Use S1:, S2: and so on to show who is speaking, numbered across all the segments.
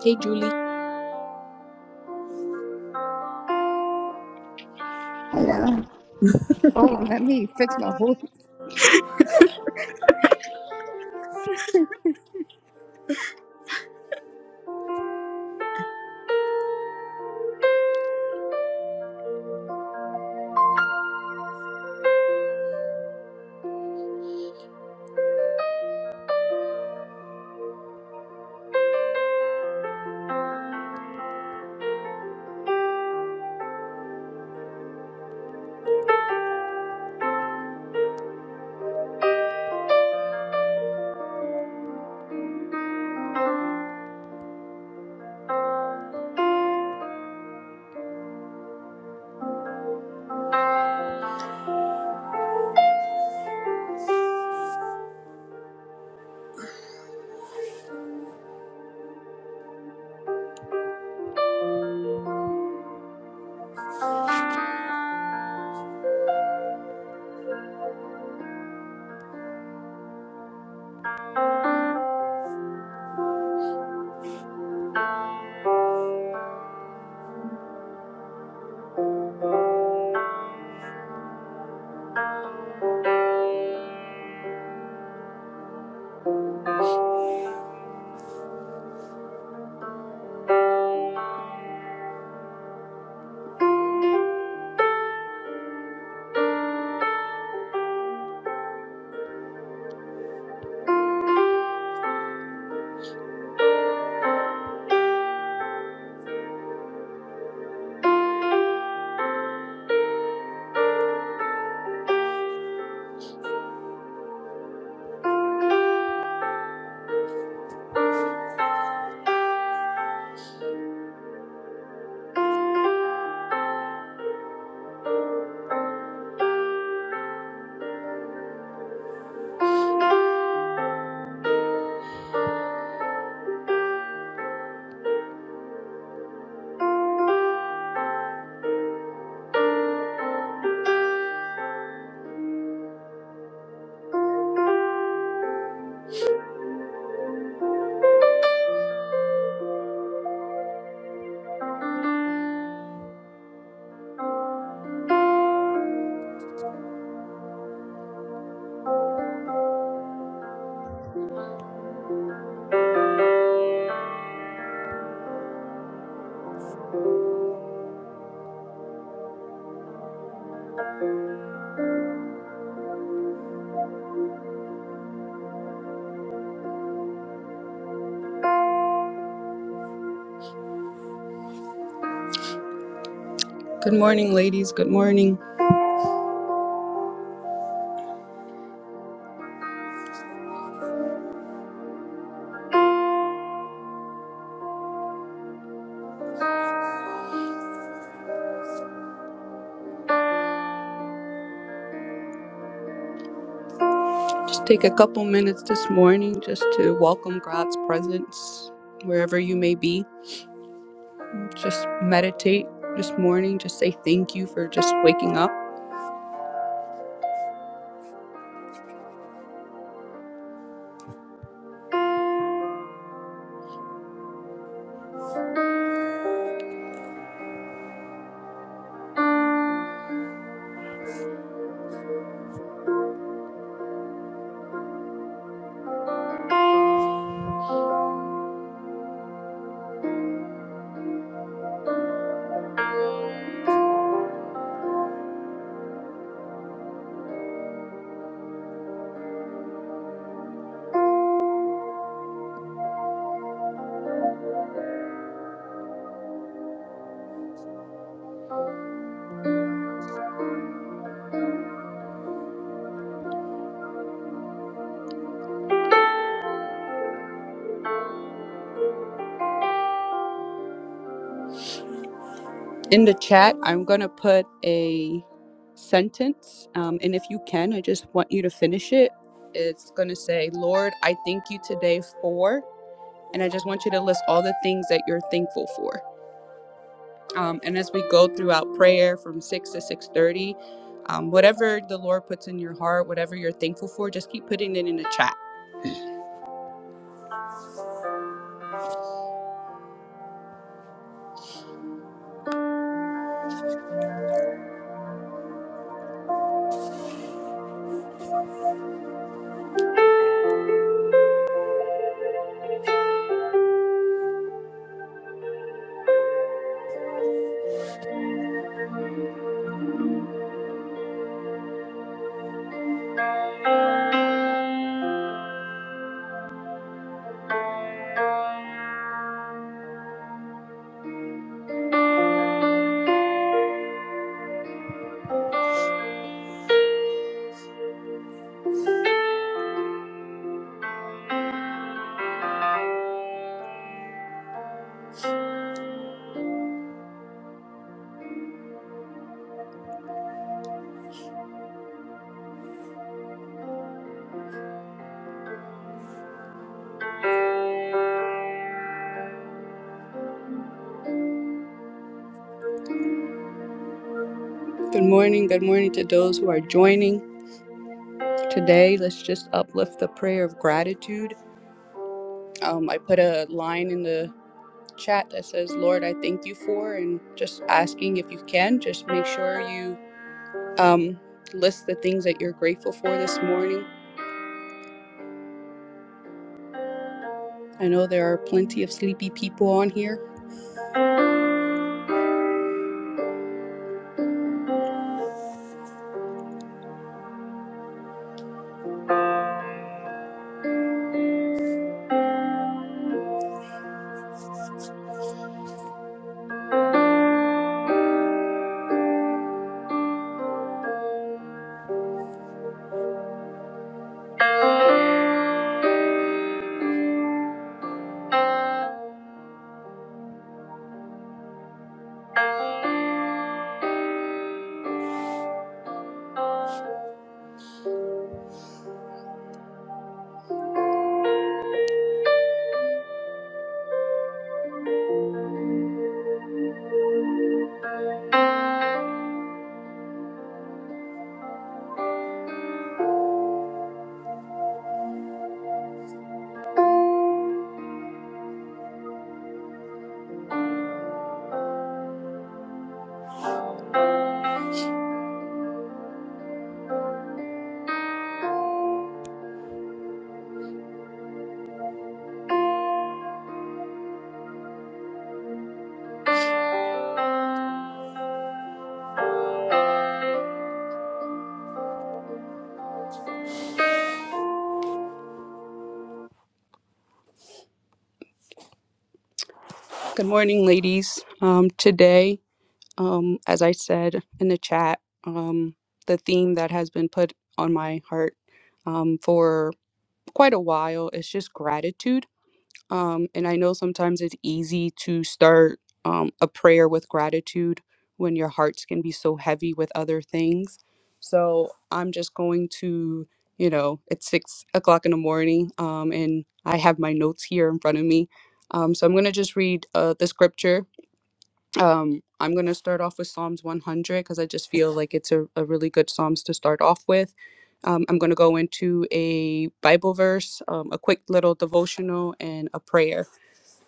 S1: Hey, Julie.
S2: Yeah. Oh, let me fix my voice.
S1: Good morning, ladies. Good morning. Just take a couple minutes this morning just to welcome God's presence wherever you may be. Just meditate this morning. Just say thank you for just waking up. In the chat, I'm going to put a sentence. Um, and if you can, I just want you to finish it. It's going to say, Lord, I thank you today for. And I just want you to list all the things that you're thankful for. um, and as we go throughout prayer from 6 to 6.30 um, whatever the lord puts in your heart whatever you're thankful for just keep putting it in the chat good morning good morning to those who are joining today let's just uplift the prayer of gratitude um, i put a line in the chat that says lord i thank you for and just asking if you can just make sure you um, list the things that you're grateful for this morning i know there are plenty of sleepy people on here good morning ladies um, today Um, as I said in the chat, um, the theme that has been put on my heart um, for quite a while is just gratitude. Um, and I know sometimes it's easy to start um, a prayer with gratitude when your hearts can be so heavy with other things. So I'm just going to, you know, it's six o'clock in the morning um, and I have my notes here in front of me. Um, so I'm going to just read uh, the scripture um, I'm going to start off with Psalms 100 because I just feel like it's a, a really good Psalms to start off with. Um, I'm going to go into a Bible verse, um, a quick little devotional, and a prayer.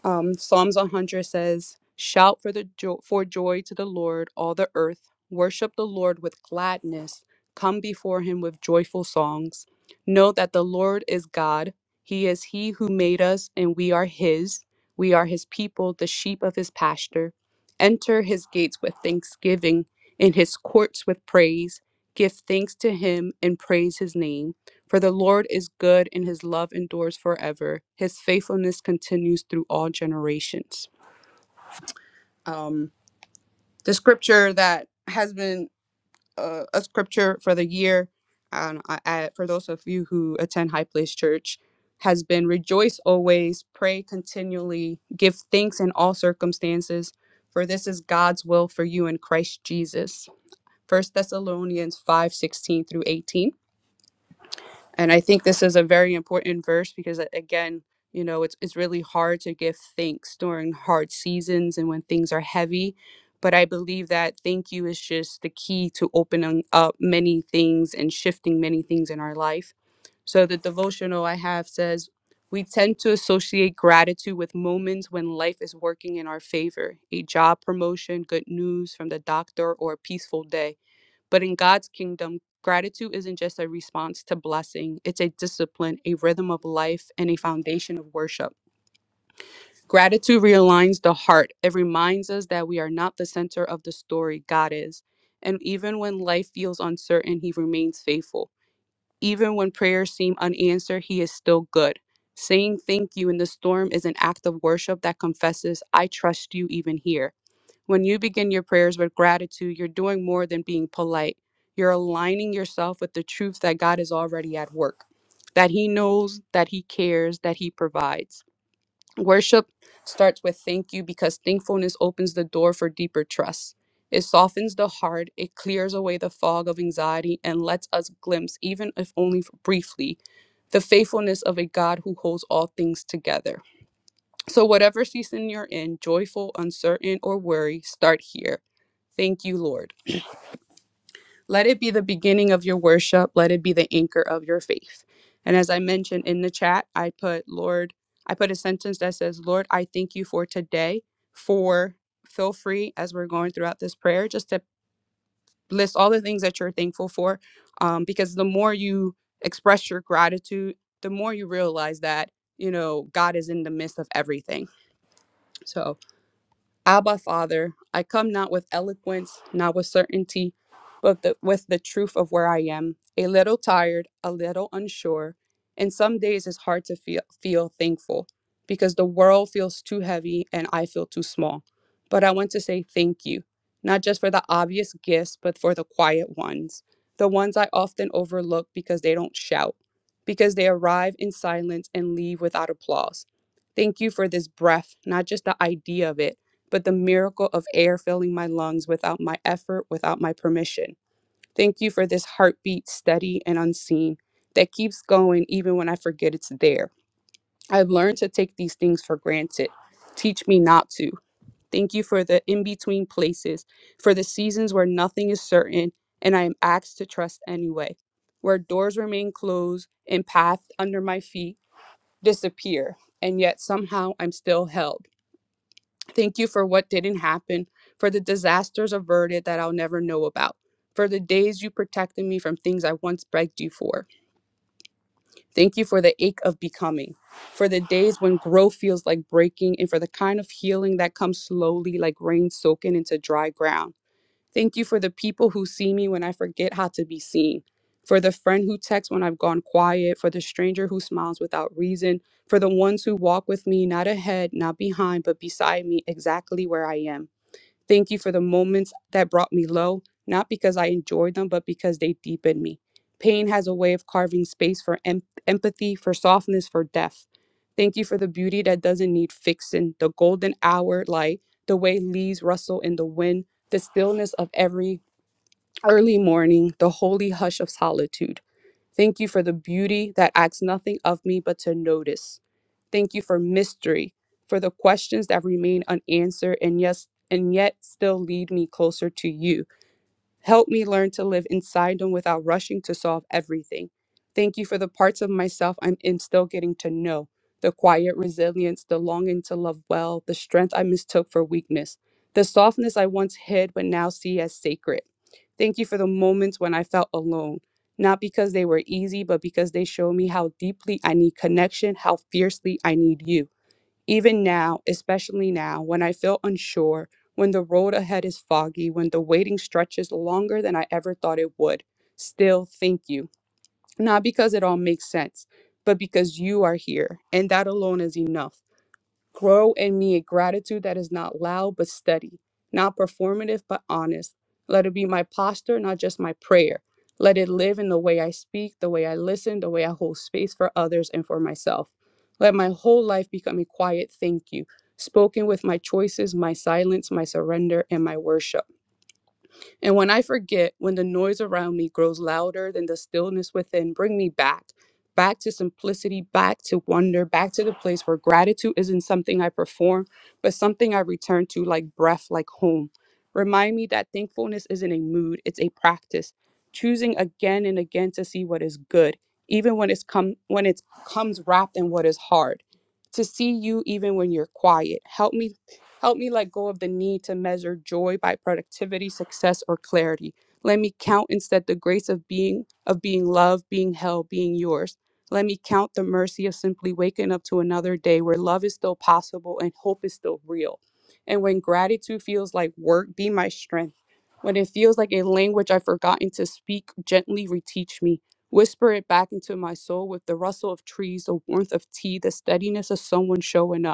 S1: Um, Psalms 100 says, "Shout for the jo- for joy to the Lord, all the earth. Worship the Lord with gladness. Come before Him with joyful songs. Know that the Lord is God. He is He who made us, and we are His. We are His people, the sheep of His pasture. Enter His gates with thanksgiving, in His courts with praise. Give thanks to Him and praise His name." For the Lord is good, and his love endures forever. His faithfulness continues through all generations. Um, the scripture that has been uh, a scripture for the year, um, I, I, for those of you who attend High Place Church, has been rejoice always, pray continually, give thanks in all circumstances, for this is God's will for you in Christ Jesus. First Thessalonians 5 16 through 18. And I think this is a very important verse because a- again, you know, it's it's really hard to give thanks during hard seasons and when things are heavy. But I believe that thank you is just the key to opening up many things and shifting many things in our life. So the devotional I have says, we tend to associate gratitude with moments when life is working in our favor, a job promotion, good news from the doctor, or a peaceful day. But in God's kingdom, gratitude isn't just a response to blessing, it's a discipline, a rhythm of life, and a foundation of worship. Gratitude realigns the heart, it reminds us that we are not the center of the story, God is. And even when life feels uncertain, He remains faithful. Even when prayers seem unanswered, He is still good. Saying thank you in the storm is an act of worship that confesses, I trust you even here. When you begin your prayers with gratitude, you're doing more than being polite. You're aligning yourself with the truth that God is already at work, that He knows, that He cares, that He provides. Worship starts with thank you because thankfulness opens the door for deeper trust. It softens the heart, it clears away the fog of anxiety, and lets us glimpse, even if only briefly, the faithfulness of a God who holds all things together. So, whatever season you're in, joyful, uncertain, or worry, start here. Thank you, Lord. Let it be the beginning of your worship. Let it be the anchor of your faith. And as I mentioned in the chat, I put, Lord, I put a sentence that says, Lord, I thank you for today. For feel free as we're going throughout this prayer, just to list all the things that you're thankful for. Um, because the more you express your gratitude, the more you realize that, you know, God is in the midst of everything. So, Abba, Father, I come not with eloquence, not with certainty, but the, with the truth of where I am, a little tired, a little unsure, and some days it's hard to feel, feel thankful because the world feels too heavy and I feel too small. But I want to say thank you, not just for the obvious gifts, but for the quiet ones, the ones I often overlook because they don't shout, because they arrive in silence and leave without applause. Thank you for this breath, not just the idea of it but the miracle of air filling my lungs without my effort, without my permission. Thank you for this heartbeat, steady and unseen, that keeps going even when I forget it's there. I've learned to take these things for granted. Teach me not to. Thank you for the in between places, for the seasons where nothing is certain and I am asked to trust anyway, where doors remain closed and paths under my feet disappear, and yet somehow I'm still held. Thank you for what didn't happen, for the disasters averted that I'll never know about, for the days you protected me from things I once begged you for. Thank you for the ache of becoming, for the days when growth feels like breaking, and for the kind of healing that comes slowly like rain soaking into dry ground. Thank you for the people who see me when I forget how to be seen. For the friend who texts when I've gone quiet, for the stranger who smiles without reason, for the ones who walk with me, not ahead, not behind, but beside me, exactly where I am. Thank you for the moments that brought me low, not because I enjoyed them, but because they deepened me. Pain has a way of carving space for em- empathy, for softness, for depth. Thank you for the beauty that doesn't need fixing, the golden hour light, the way leaves rustle in the wind, the stillness of every early morning, the holy hush of solitude. Thank you for the beauty that asks nothing of me but to notice Thank you for mystery, for the questions that remain unanswered and yes, and yet still lead me closer to you. Help me learn to live inside them without rushing to solve everything. Thank you for the parts of myself I'm in still getting to know the quiet resilience, the longing to love well, the strength I mistook for weakness, the softness I once hid but now see as sacred. Thank you for the moments when I felt alone, not because they were easy, but because they showed me how deeply I need connection, how fiercely I need you. Even now, especially now, when I feel unsure, when the road ahead is foggy, when the waiting stretches longer than I ever thought it would, still thank you. Not because it all makes sense, but because you are here, and that alone is enough. Grow in me a gratitude that is not loud but steady, not performative but honest. Let it be my posture, not just my prayer. Let it live in the way I speak, the way I listen, the way I hold space for others and for myself. Let my whole life become a quiet thank you, spoken with my choices, my silence, my surrender, and my worship. And when I forget, when the noise around me grows louder than the stillness within, bring me back, back to simplicity, back to wonder, back to the place where gratitude isn't something I perform, but something I return to like breath, like home. Remind me that thankfulness isn't a mood, it's a practice. Choosing again and again to see what is good, even when it's come when it comes wrapped in what is hard. To see you even when you're quiet. Help me Help me let go of the need to measure joy by productivity, success, or clarity. Let me count instead the grace of being of being loved, being held, being yours. Let me count the mercy of simply waking up to another day where love is still possible and hope is still real. And when gratitude feels like work, be my strength. When it feels like a language I've forgotten to speak, gently reteach me. Whisper it back into my soul with the rustle of trees, the warmth of tea, the steadiness of someone showing up.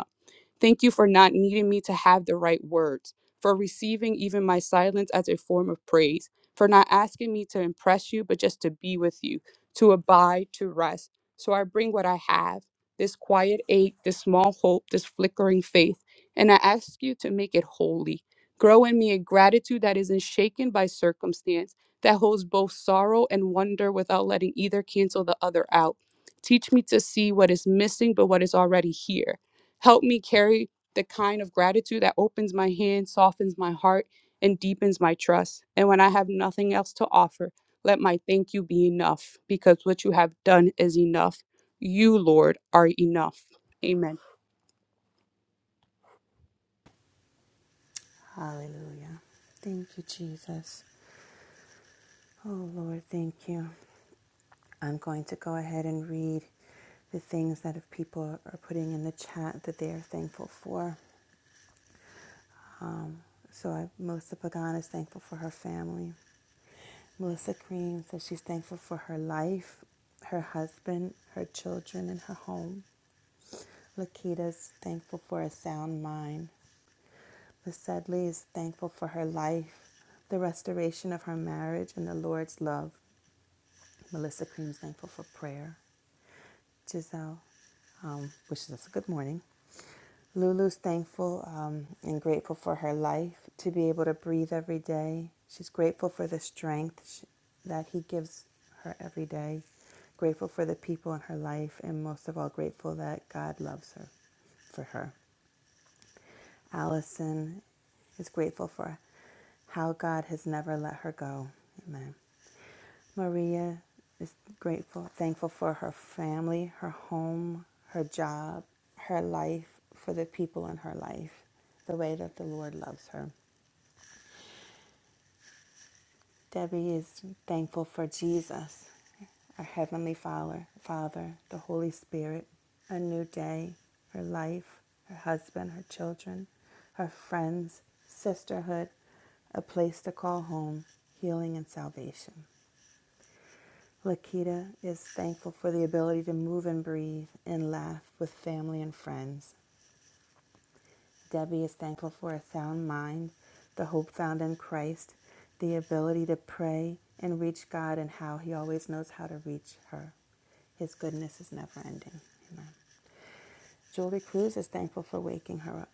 S1: Thank you for not needing me to have the right words, for receiving even my silence as a form of praise, for not asking me to impress you, but just to be with you, to abide, to rest. So I bring what I have this quiet ache, this small hope, this flickering faith, and I ask you to make it holy. Grow in me a gratitude that isn't shaken by circumstance, that holds both sorrow and wonder without letting either cancel the other out. Teach me to see what is missing, but what is already here Help me carry the kind of gratitude that opens my hand, softens my heart, and deepens my trust. And when I have nothing else to offer, let my thank you be enough, because what you have done is enough. You, Lord, are enough. Amen.
S3: Hallelujah. Thank you, Jesus. Oh, Lord, thank you. I'm going to go ahead and read the things that if people are putting in the chat that they are thankful for. So, I, Melissa Pagan is thankful for her family. Melissa Cream says she's thankful for her life, her husband, her children, and her home. Lakita's thankful for a sound mind. The Sedley is thankful for her life, the restoration of her marriage, and the Lord's love. Melissa Cream's thankful for prayer. Giselle um, wishes us a good morning. Lulu's thankful um, and grateful for her life to be able to breathe every day. She's grateful for the strength that he gives her every day. Grateful for the people in her life, and most of all, grateful that God loves her for her. Allison is grateful for how God has never let her go. Amen. Maria is grateful, thankful for her family, her home, her job, her life, for the people in her life, the way that the Lord loves her. Debbie is thankful for Jesus, our Heavenly Father, Father, the Holy Spirit, a new day, her life, her husband, her children, her friends, sisterhood, a place to call home, healing and salvation. Lakita is thankful for the ability to move and breathe and laugh with family and friends. Debbie is thankful for a sound mind, the hope found in Christ, the ability to pray and reach God, and how He always knows how to reach her. His goodness is never ending. Amen. Julie Cruz is thankful for waking her up.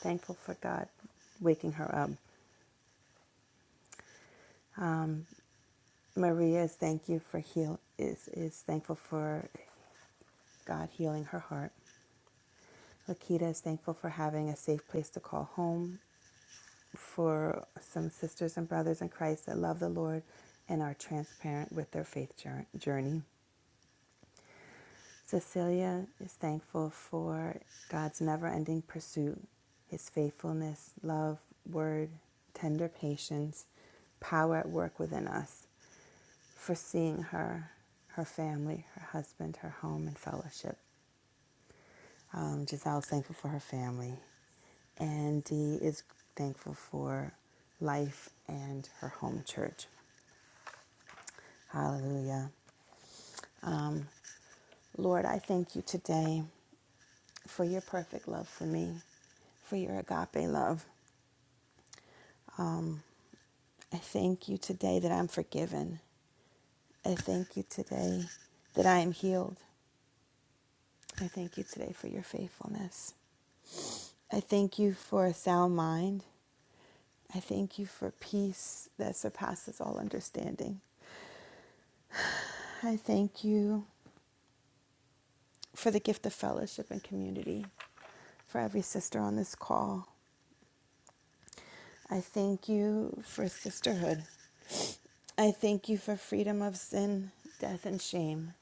S3: Thankful for God waking her up. Maria is thank you for heal is is thankful for God healing her heart. Lakita is thankful for having a safe place to call home, for some sisters and brothers in Christ that love the Lord and are transparent with their faith journey. Cecilia is thankful for God's never ending pursuit, his faithfulness, love, word, tender patience, power at work within us, for seeing her, her family, her husband, her home, and fellowship. Um, Giselle's thankful for her family, and Dee is thankful for life and her home church. Hallelujah. Lord, I thank you today for your perfect love for me, for your agape love. I thank you today that I'm forgiven. I thank you today that I am healed. I thank you today for your faithfulness. I thank you for a sound mind. I thank you for peace that surpasses all understanding. I thank you. for the gift of fellowship and community, for every sister on this call. I thank you for sisterhood. I thank you for freedom of sin, death, and shame.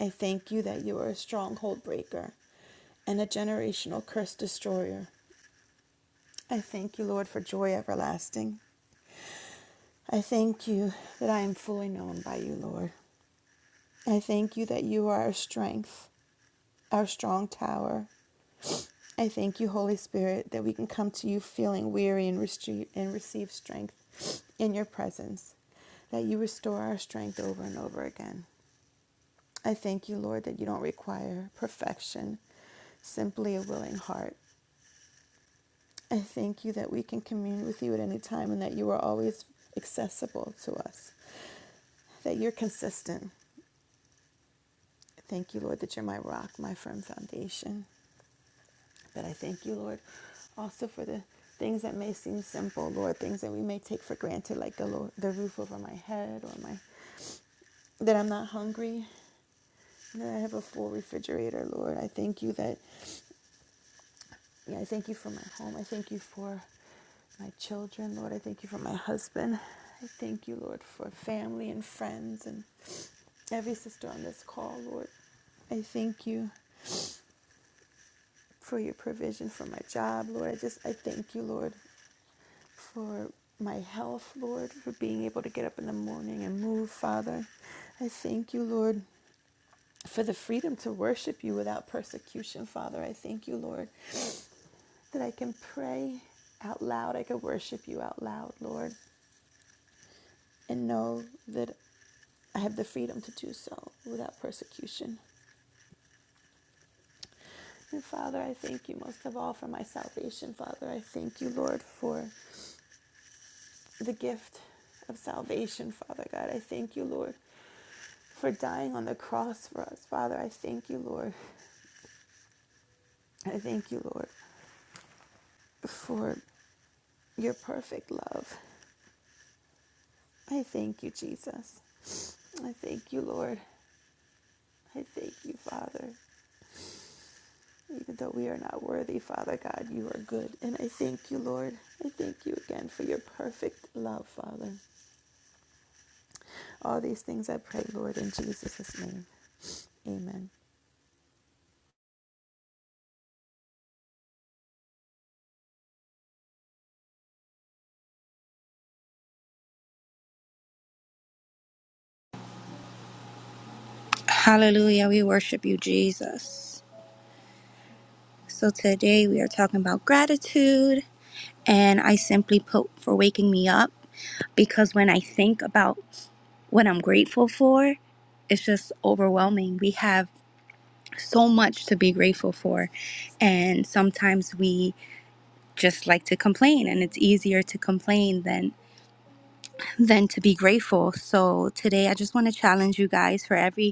S3: I thank you that you are a stronghold breaker and a generational curse destroyer. I thank you, Lord, for joy everlasting. I thank you that I am fully known by you, Lord. I thank you that you are our strength, our strong tower, I thank you, Holy Spirit, that we can come to you feeling weary and, restre- and receive strength in your presence, that you restore our strength over and over again. I thank you, Lord, that you don't require perfection, simply a willing heart. I thank you that we can commune with you at any time and that you are always accessible to us, that you're consistent. Thank you, Lord, that you're my rock, my firm foundation. But I thank you, Lord, also for the things that may seem simple, Lord, things that we may take for granted, like the Lord, the roof over my head or my that I'm not hungry, that I have a full refrigerator, Lord. I thank you that yeah, I thank you for my home. I thank you for my children, Lord. I thank you for my husband. I thank you, Lord, for family and friends and every sister on this call, Lord. I thank you for your provision for my job, Lord. I just I thank you, Lord. for my health, Lord, for being able to get up in the morning and move, Father. I thank you, Lord, for the freedom to worship you without persecution, Father. I thank you, Lord, that I can pray out loud. I can worship you out loud, Lord, and know that I have the freedom to do so without persecution. And Father, I thank you most of all for my salvation, Father. I thank you, Lord, for the gift of salvation, Father God. I thank you, Lord, for dying on the cross for us, Father. I thank you, Lord. I thank you, Lord, for your perfect love. I thank you, Jesus. I thank you, Lord. I thank you, Father. Even though we are not worthy, Father God, you are good. And I thank you, Lord. I thank you again for your perfect love, Father. All these things I pray, Lord, in Jesus' name. Amen.
S2: Hallelujah. We worship you, Jesus. So today we are talking about gratitude. And I simply put for waking me up because when I think about what I'm grateful for, it's just overwhelming. We have so much to be grateful for. And sometimes we just like to complain and it's easier to complain than than to be grateful. So today I just want to challenge you guys for every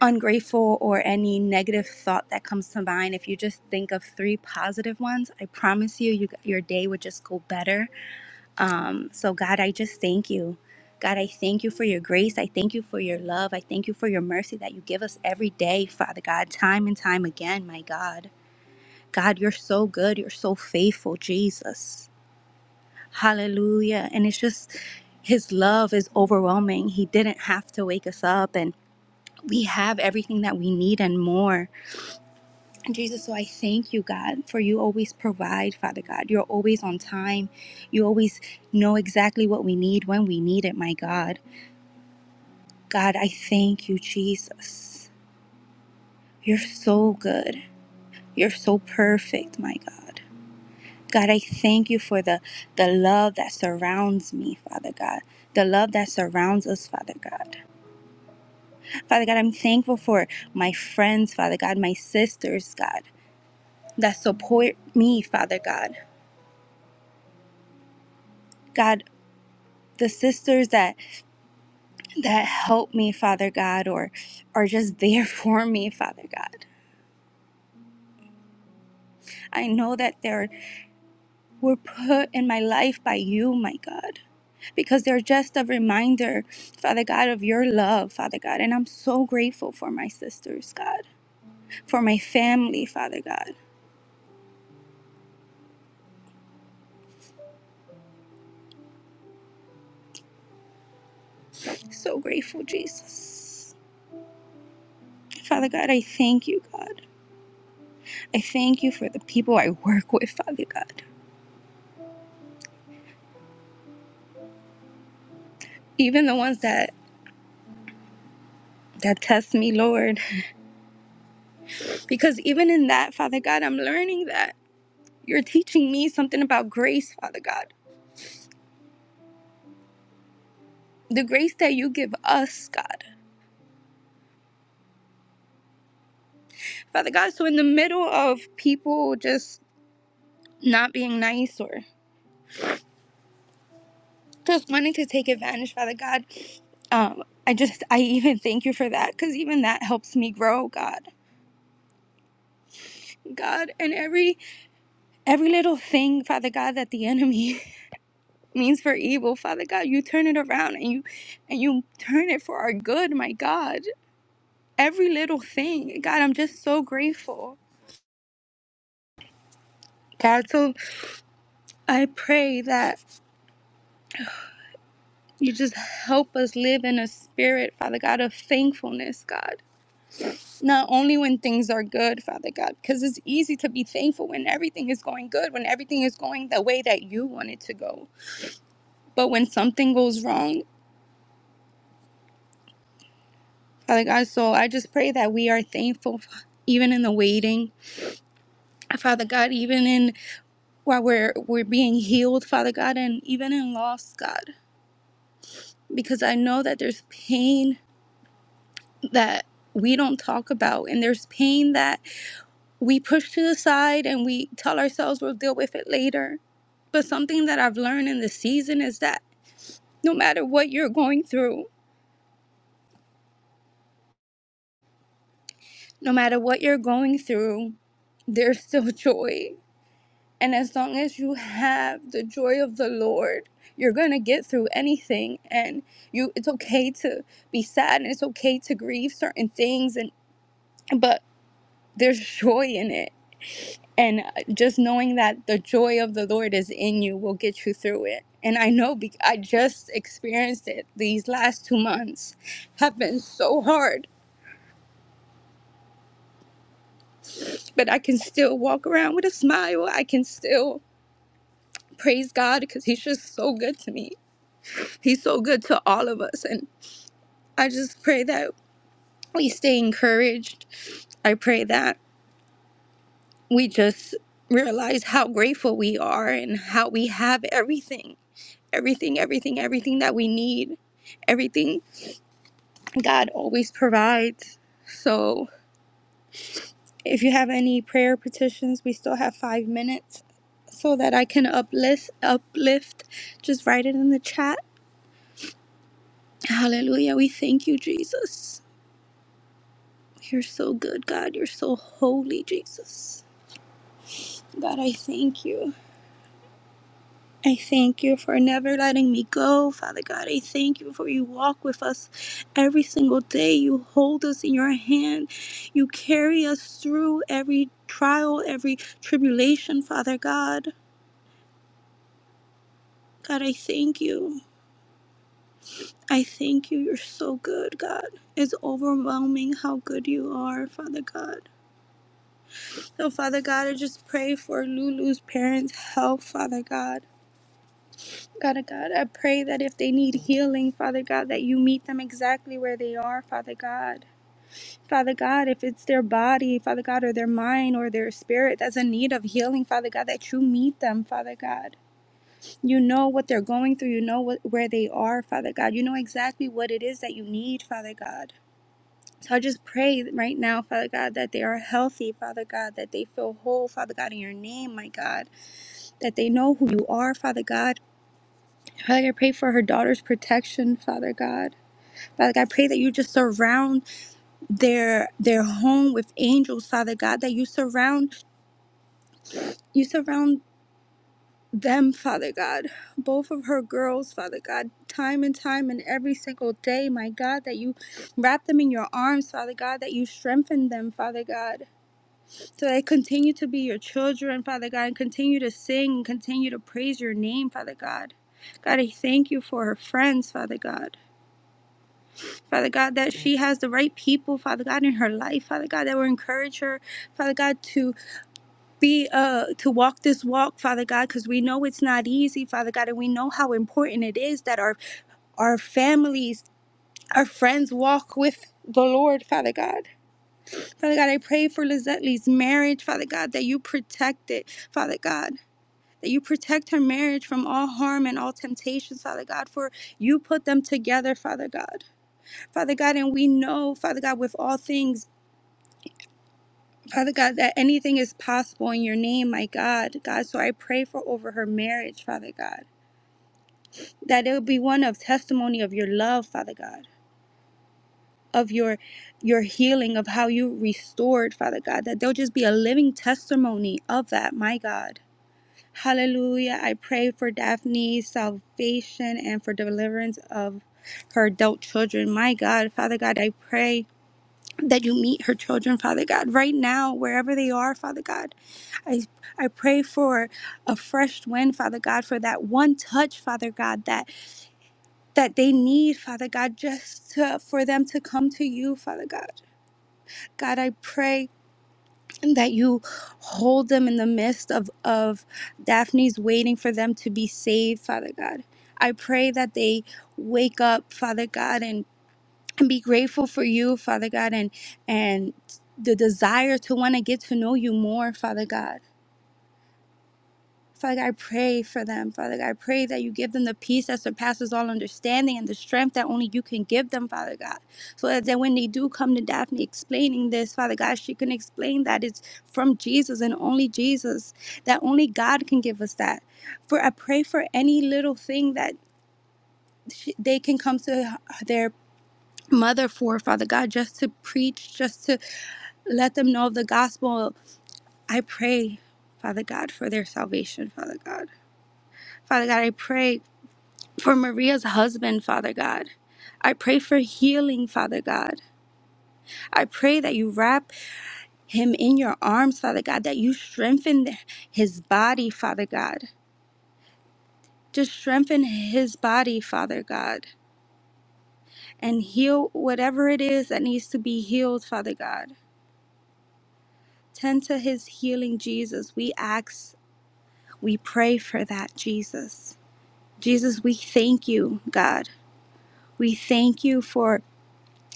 S2: ungrateful or any negative thought that comes to mind if you just think of three positive ones i promise you, you your day would just go better um, so god i just thank you god i thank you for your grace i thank you for your love i thank you for your mercy that you give us every day father god time and time again my god god you're so good you're so faithful jesus hallelujah and it's just his love is overwhelming he didn't have to wake us up and we have everything that we need and more Jesus, so I thank you, God, for you always provide, Father God. You're always on time. You always know exactly what we need when we need it, my God. God, I thank you, Jesus. You're so good. You're so perfect, my God. God, I thank you for the, the love that surrounds me, Father God. The love that surrounds us, Father God. Father God, I'm thankful for my friends, Father God, my sisters, God, that support me, Father God. God, the sisters that that help me father god or are just there for me father god i know that they're were put in my life by you my god because they're just a reminder father god of your love father god and i'm so grateful for my sisters god for my family father god so grateful jesus father god i thank you god i thank you for the people i work with father god even the ones that that test me lord Because even in that, Father God, I'm learning that you're teaching me something about grace, Father God. The grace that you give us, God. Father God, so in the middle of people just not being nice or just wanting to take advantage, Father God, um, I just I even thank you for that because even that helps me grow, God. God, and every every little thing, Father God, that the enemy means for evil, Father God, you turn it around and you and you turn it for our good, my God. every little thing. God, I'm just so grateful. God, so I pray that you just help us live in a spirit, Father God, of thankfulness, God. Not only when things are good, Father God, because it's easy to be thankful when everything is going good, when everything is going the way that you want it to go. But when something goes wrong, Father God, so I just pray that we are thankful even in the waiting. Father God, even in while we're we're being healed, Father God, and even in loss, God. because I know that there's pain that we don't talk about, and there's pain that we push to the side and we tell ourselves we'll deal with it later. But something that I've learned in this season is that no matter what you're going through, no matter what you're going through, there's still joy. And as long as you have the joy of the Lord, you're going to get through anything and you it's okay to be sad and it's okay to grieve certain things and but There's joy in it. And uh, just knowing that the joy of the Lord is in you will get you through it. And I know because I just experienced it these last two months have been so hard, but I can still walk around with a smile. I can still praise God because He's just so good to me. He's so good to all of us. And I just pray that we stay encouraged. I pray that we just realize how grateful we are and how we have everything everything, everything, everything that we need, everything God always provides. So if you have any prayer petitions, we still have five minutes so that I can uplift uplift. Just write it in the chat. Hallelujah. We thank you, Jesus. You're so good, God. You're so holy, Jesus. God, I thank you. I thank you for never letting me go, Father God. I thank you for you walk with us every single day. You hold us in your hand. You carry us through every trial, every tribulation, Father God. God, I thank you. I thank you. You're so good, God. It's overwhelming how good you are, Father God. So, Father God, I just pray for Lulu's parents' health, Father God. Father God, I pray that if they need healing, Father God, that you meet them exactly where they are, Father God. Father God, if it's their body, Father God, or their mind or their spirit that's in need of healing, Father God, that you meet them, Father God. You know what they're going through. You know what, where they are, Father God. You know exactly what it is that you need, Father God. So I just pray right now, Father God, that they are healthy, Father God, that they feel whole, Father God, in your name, my God, that they know who you are, Father God Father, like, I pray for her daughter's protection, Father God. Father God, I pray that you just surround their their home with angels, Father God, that you surround you surround them, Father God, both of her girls, Father God, time and time and every single day, my God, that you wrap them in your arms, Father God, that you strengthen them, Father God, so they continue to be your children, Father God, and continue to sing and continue to praise your name, Father God. God, I thank you for her friends, Father God. Father God, that she has the right people, Father God, in her life, Father God, that will encourage her, Father God, to be uh to walk this walk, Father God, because we know it's not easy, Father God, and we know how important it is that our our families, our friends walk with the Lord, Father God. Father God, I pray for Lizette Lee's marriage, Father God, that you protect it, Father God. That you protect her marriage from all harm and all temptations, Father God, for you put them together, Father God. Father God, and we know, Father God, with all things. Father God, that anything is possible in your name, my God. God, so I pray for over her marriage, Father God. That it will be one of testimony of your love, Father God, of your your healing, of how you restored, Father God. That there'll just be a living testimony of that, my God. Hallelujah. I pray for Daphne's salvation and for deliverance of her adult children. My God, Father God, I pray that you meet her children, Father God, right now, wherever they are, Father God. I, I pray for a fresh wind, Father God, for that one touch, Father God, that that they need, Father God, just to, for them to come to you, Father God. God, I pray that you hold them in the midst of of Daphne's waiting for them to be saved, Father God. I pray that they wake up, Father God, and, and be grateful for you, Father God, and and the desire to want to get to know you more, Father God. Father God, I pray for them. Father God, I pray that you give them the peace that surpasses all understanding and the strength that only you can give them, Father God. So that then when they do come to Daphne explaining this, Father God, she can explain that it's from Jesus and only Jesus, that only God can give us that. For I pray for any little thing that they can come to their mother for, Father God, just to preach, just to let them know of the gospel. I pray, Father God, for their salvation, Father God. Father God, I pray. for Maria's husband, Father God. I pray for healing, Father God. I pray that you wrap him in your arms, Father God, that you strengthen his body, Father God. Just strengthen his body, Father God, and heal whatever it is that needs to be healed, Father God. Tend to his healing, Jesus. We ask, we pray for that, Jesus. Jesus, we thank you, God. We thank you for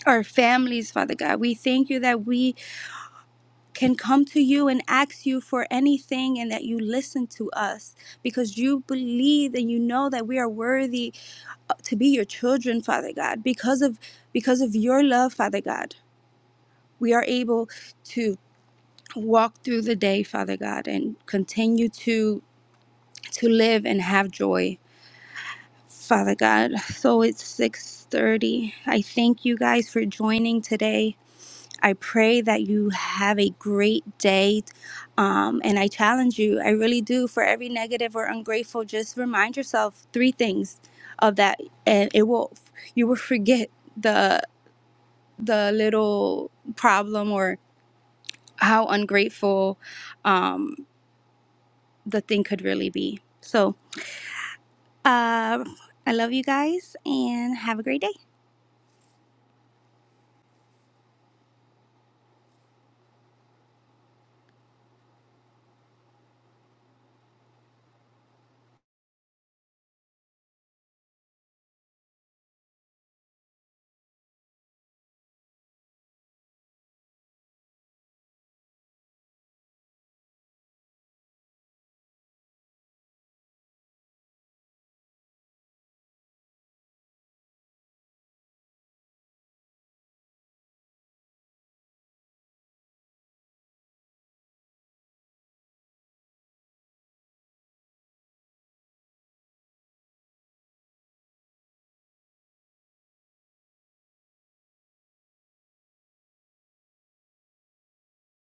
S2: our families, Father God. We thank you that we can come to you and ask you for anything and that you listen to us because you believe and you know that we are worthy uh, to be your children father god because of because of your love father god we are able to walk through the day father god and continue to to live and have joy father god so it's 6:30 i thank you guys for joining today I pray that you have a great day. Um, and I challenge you, I really do, for every negative or ungrateful, just remind yourself three things of that, and it will, you will forget the the little problem or how ungrateful um, the thing could really be. So, uh, I love you guys and have a great day.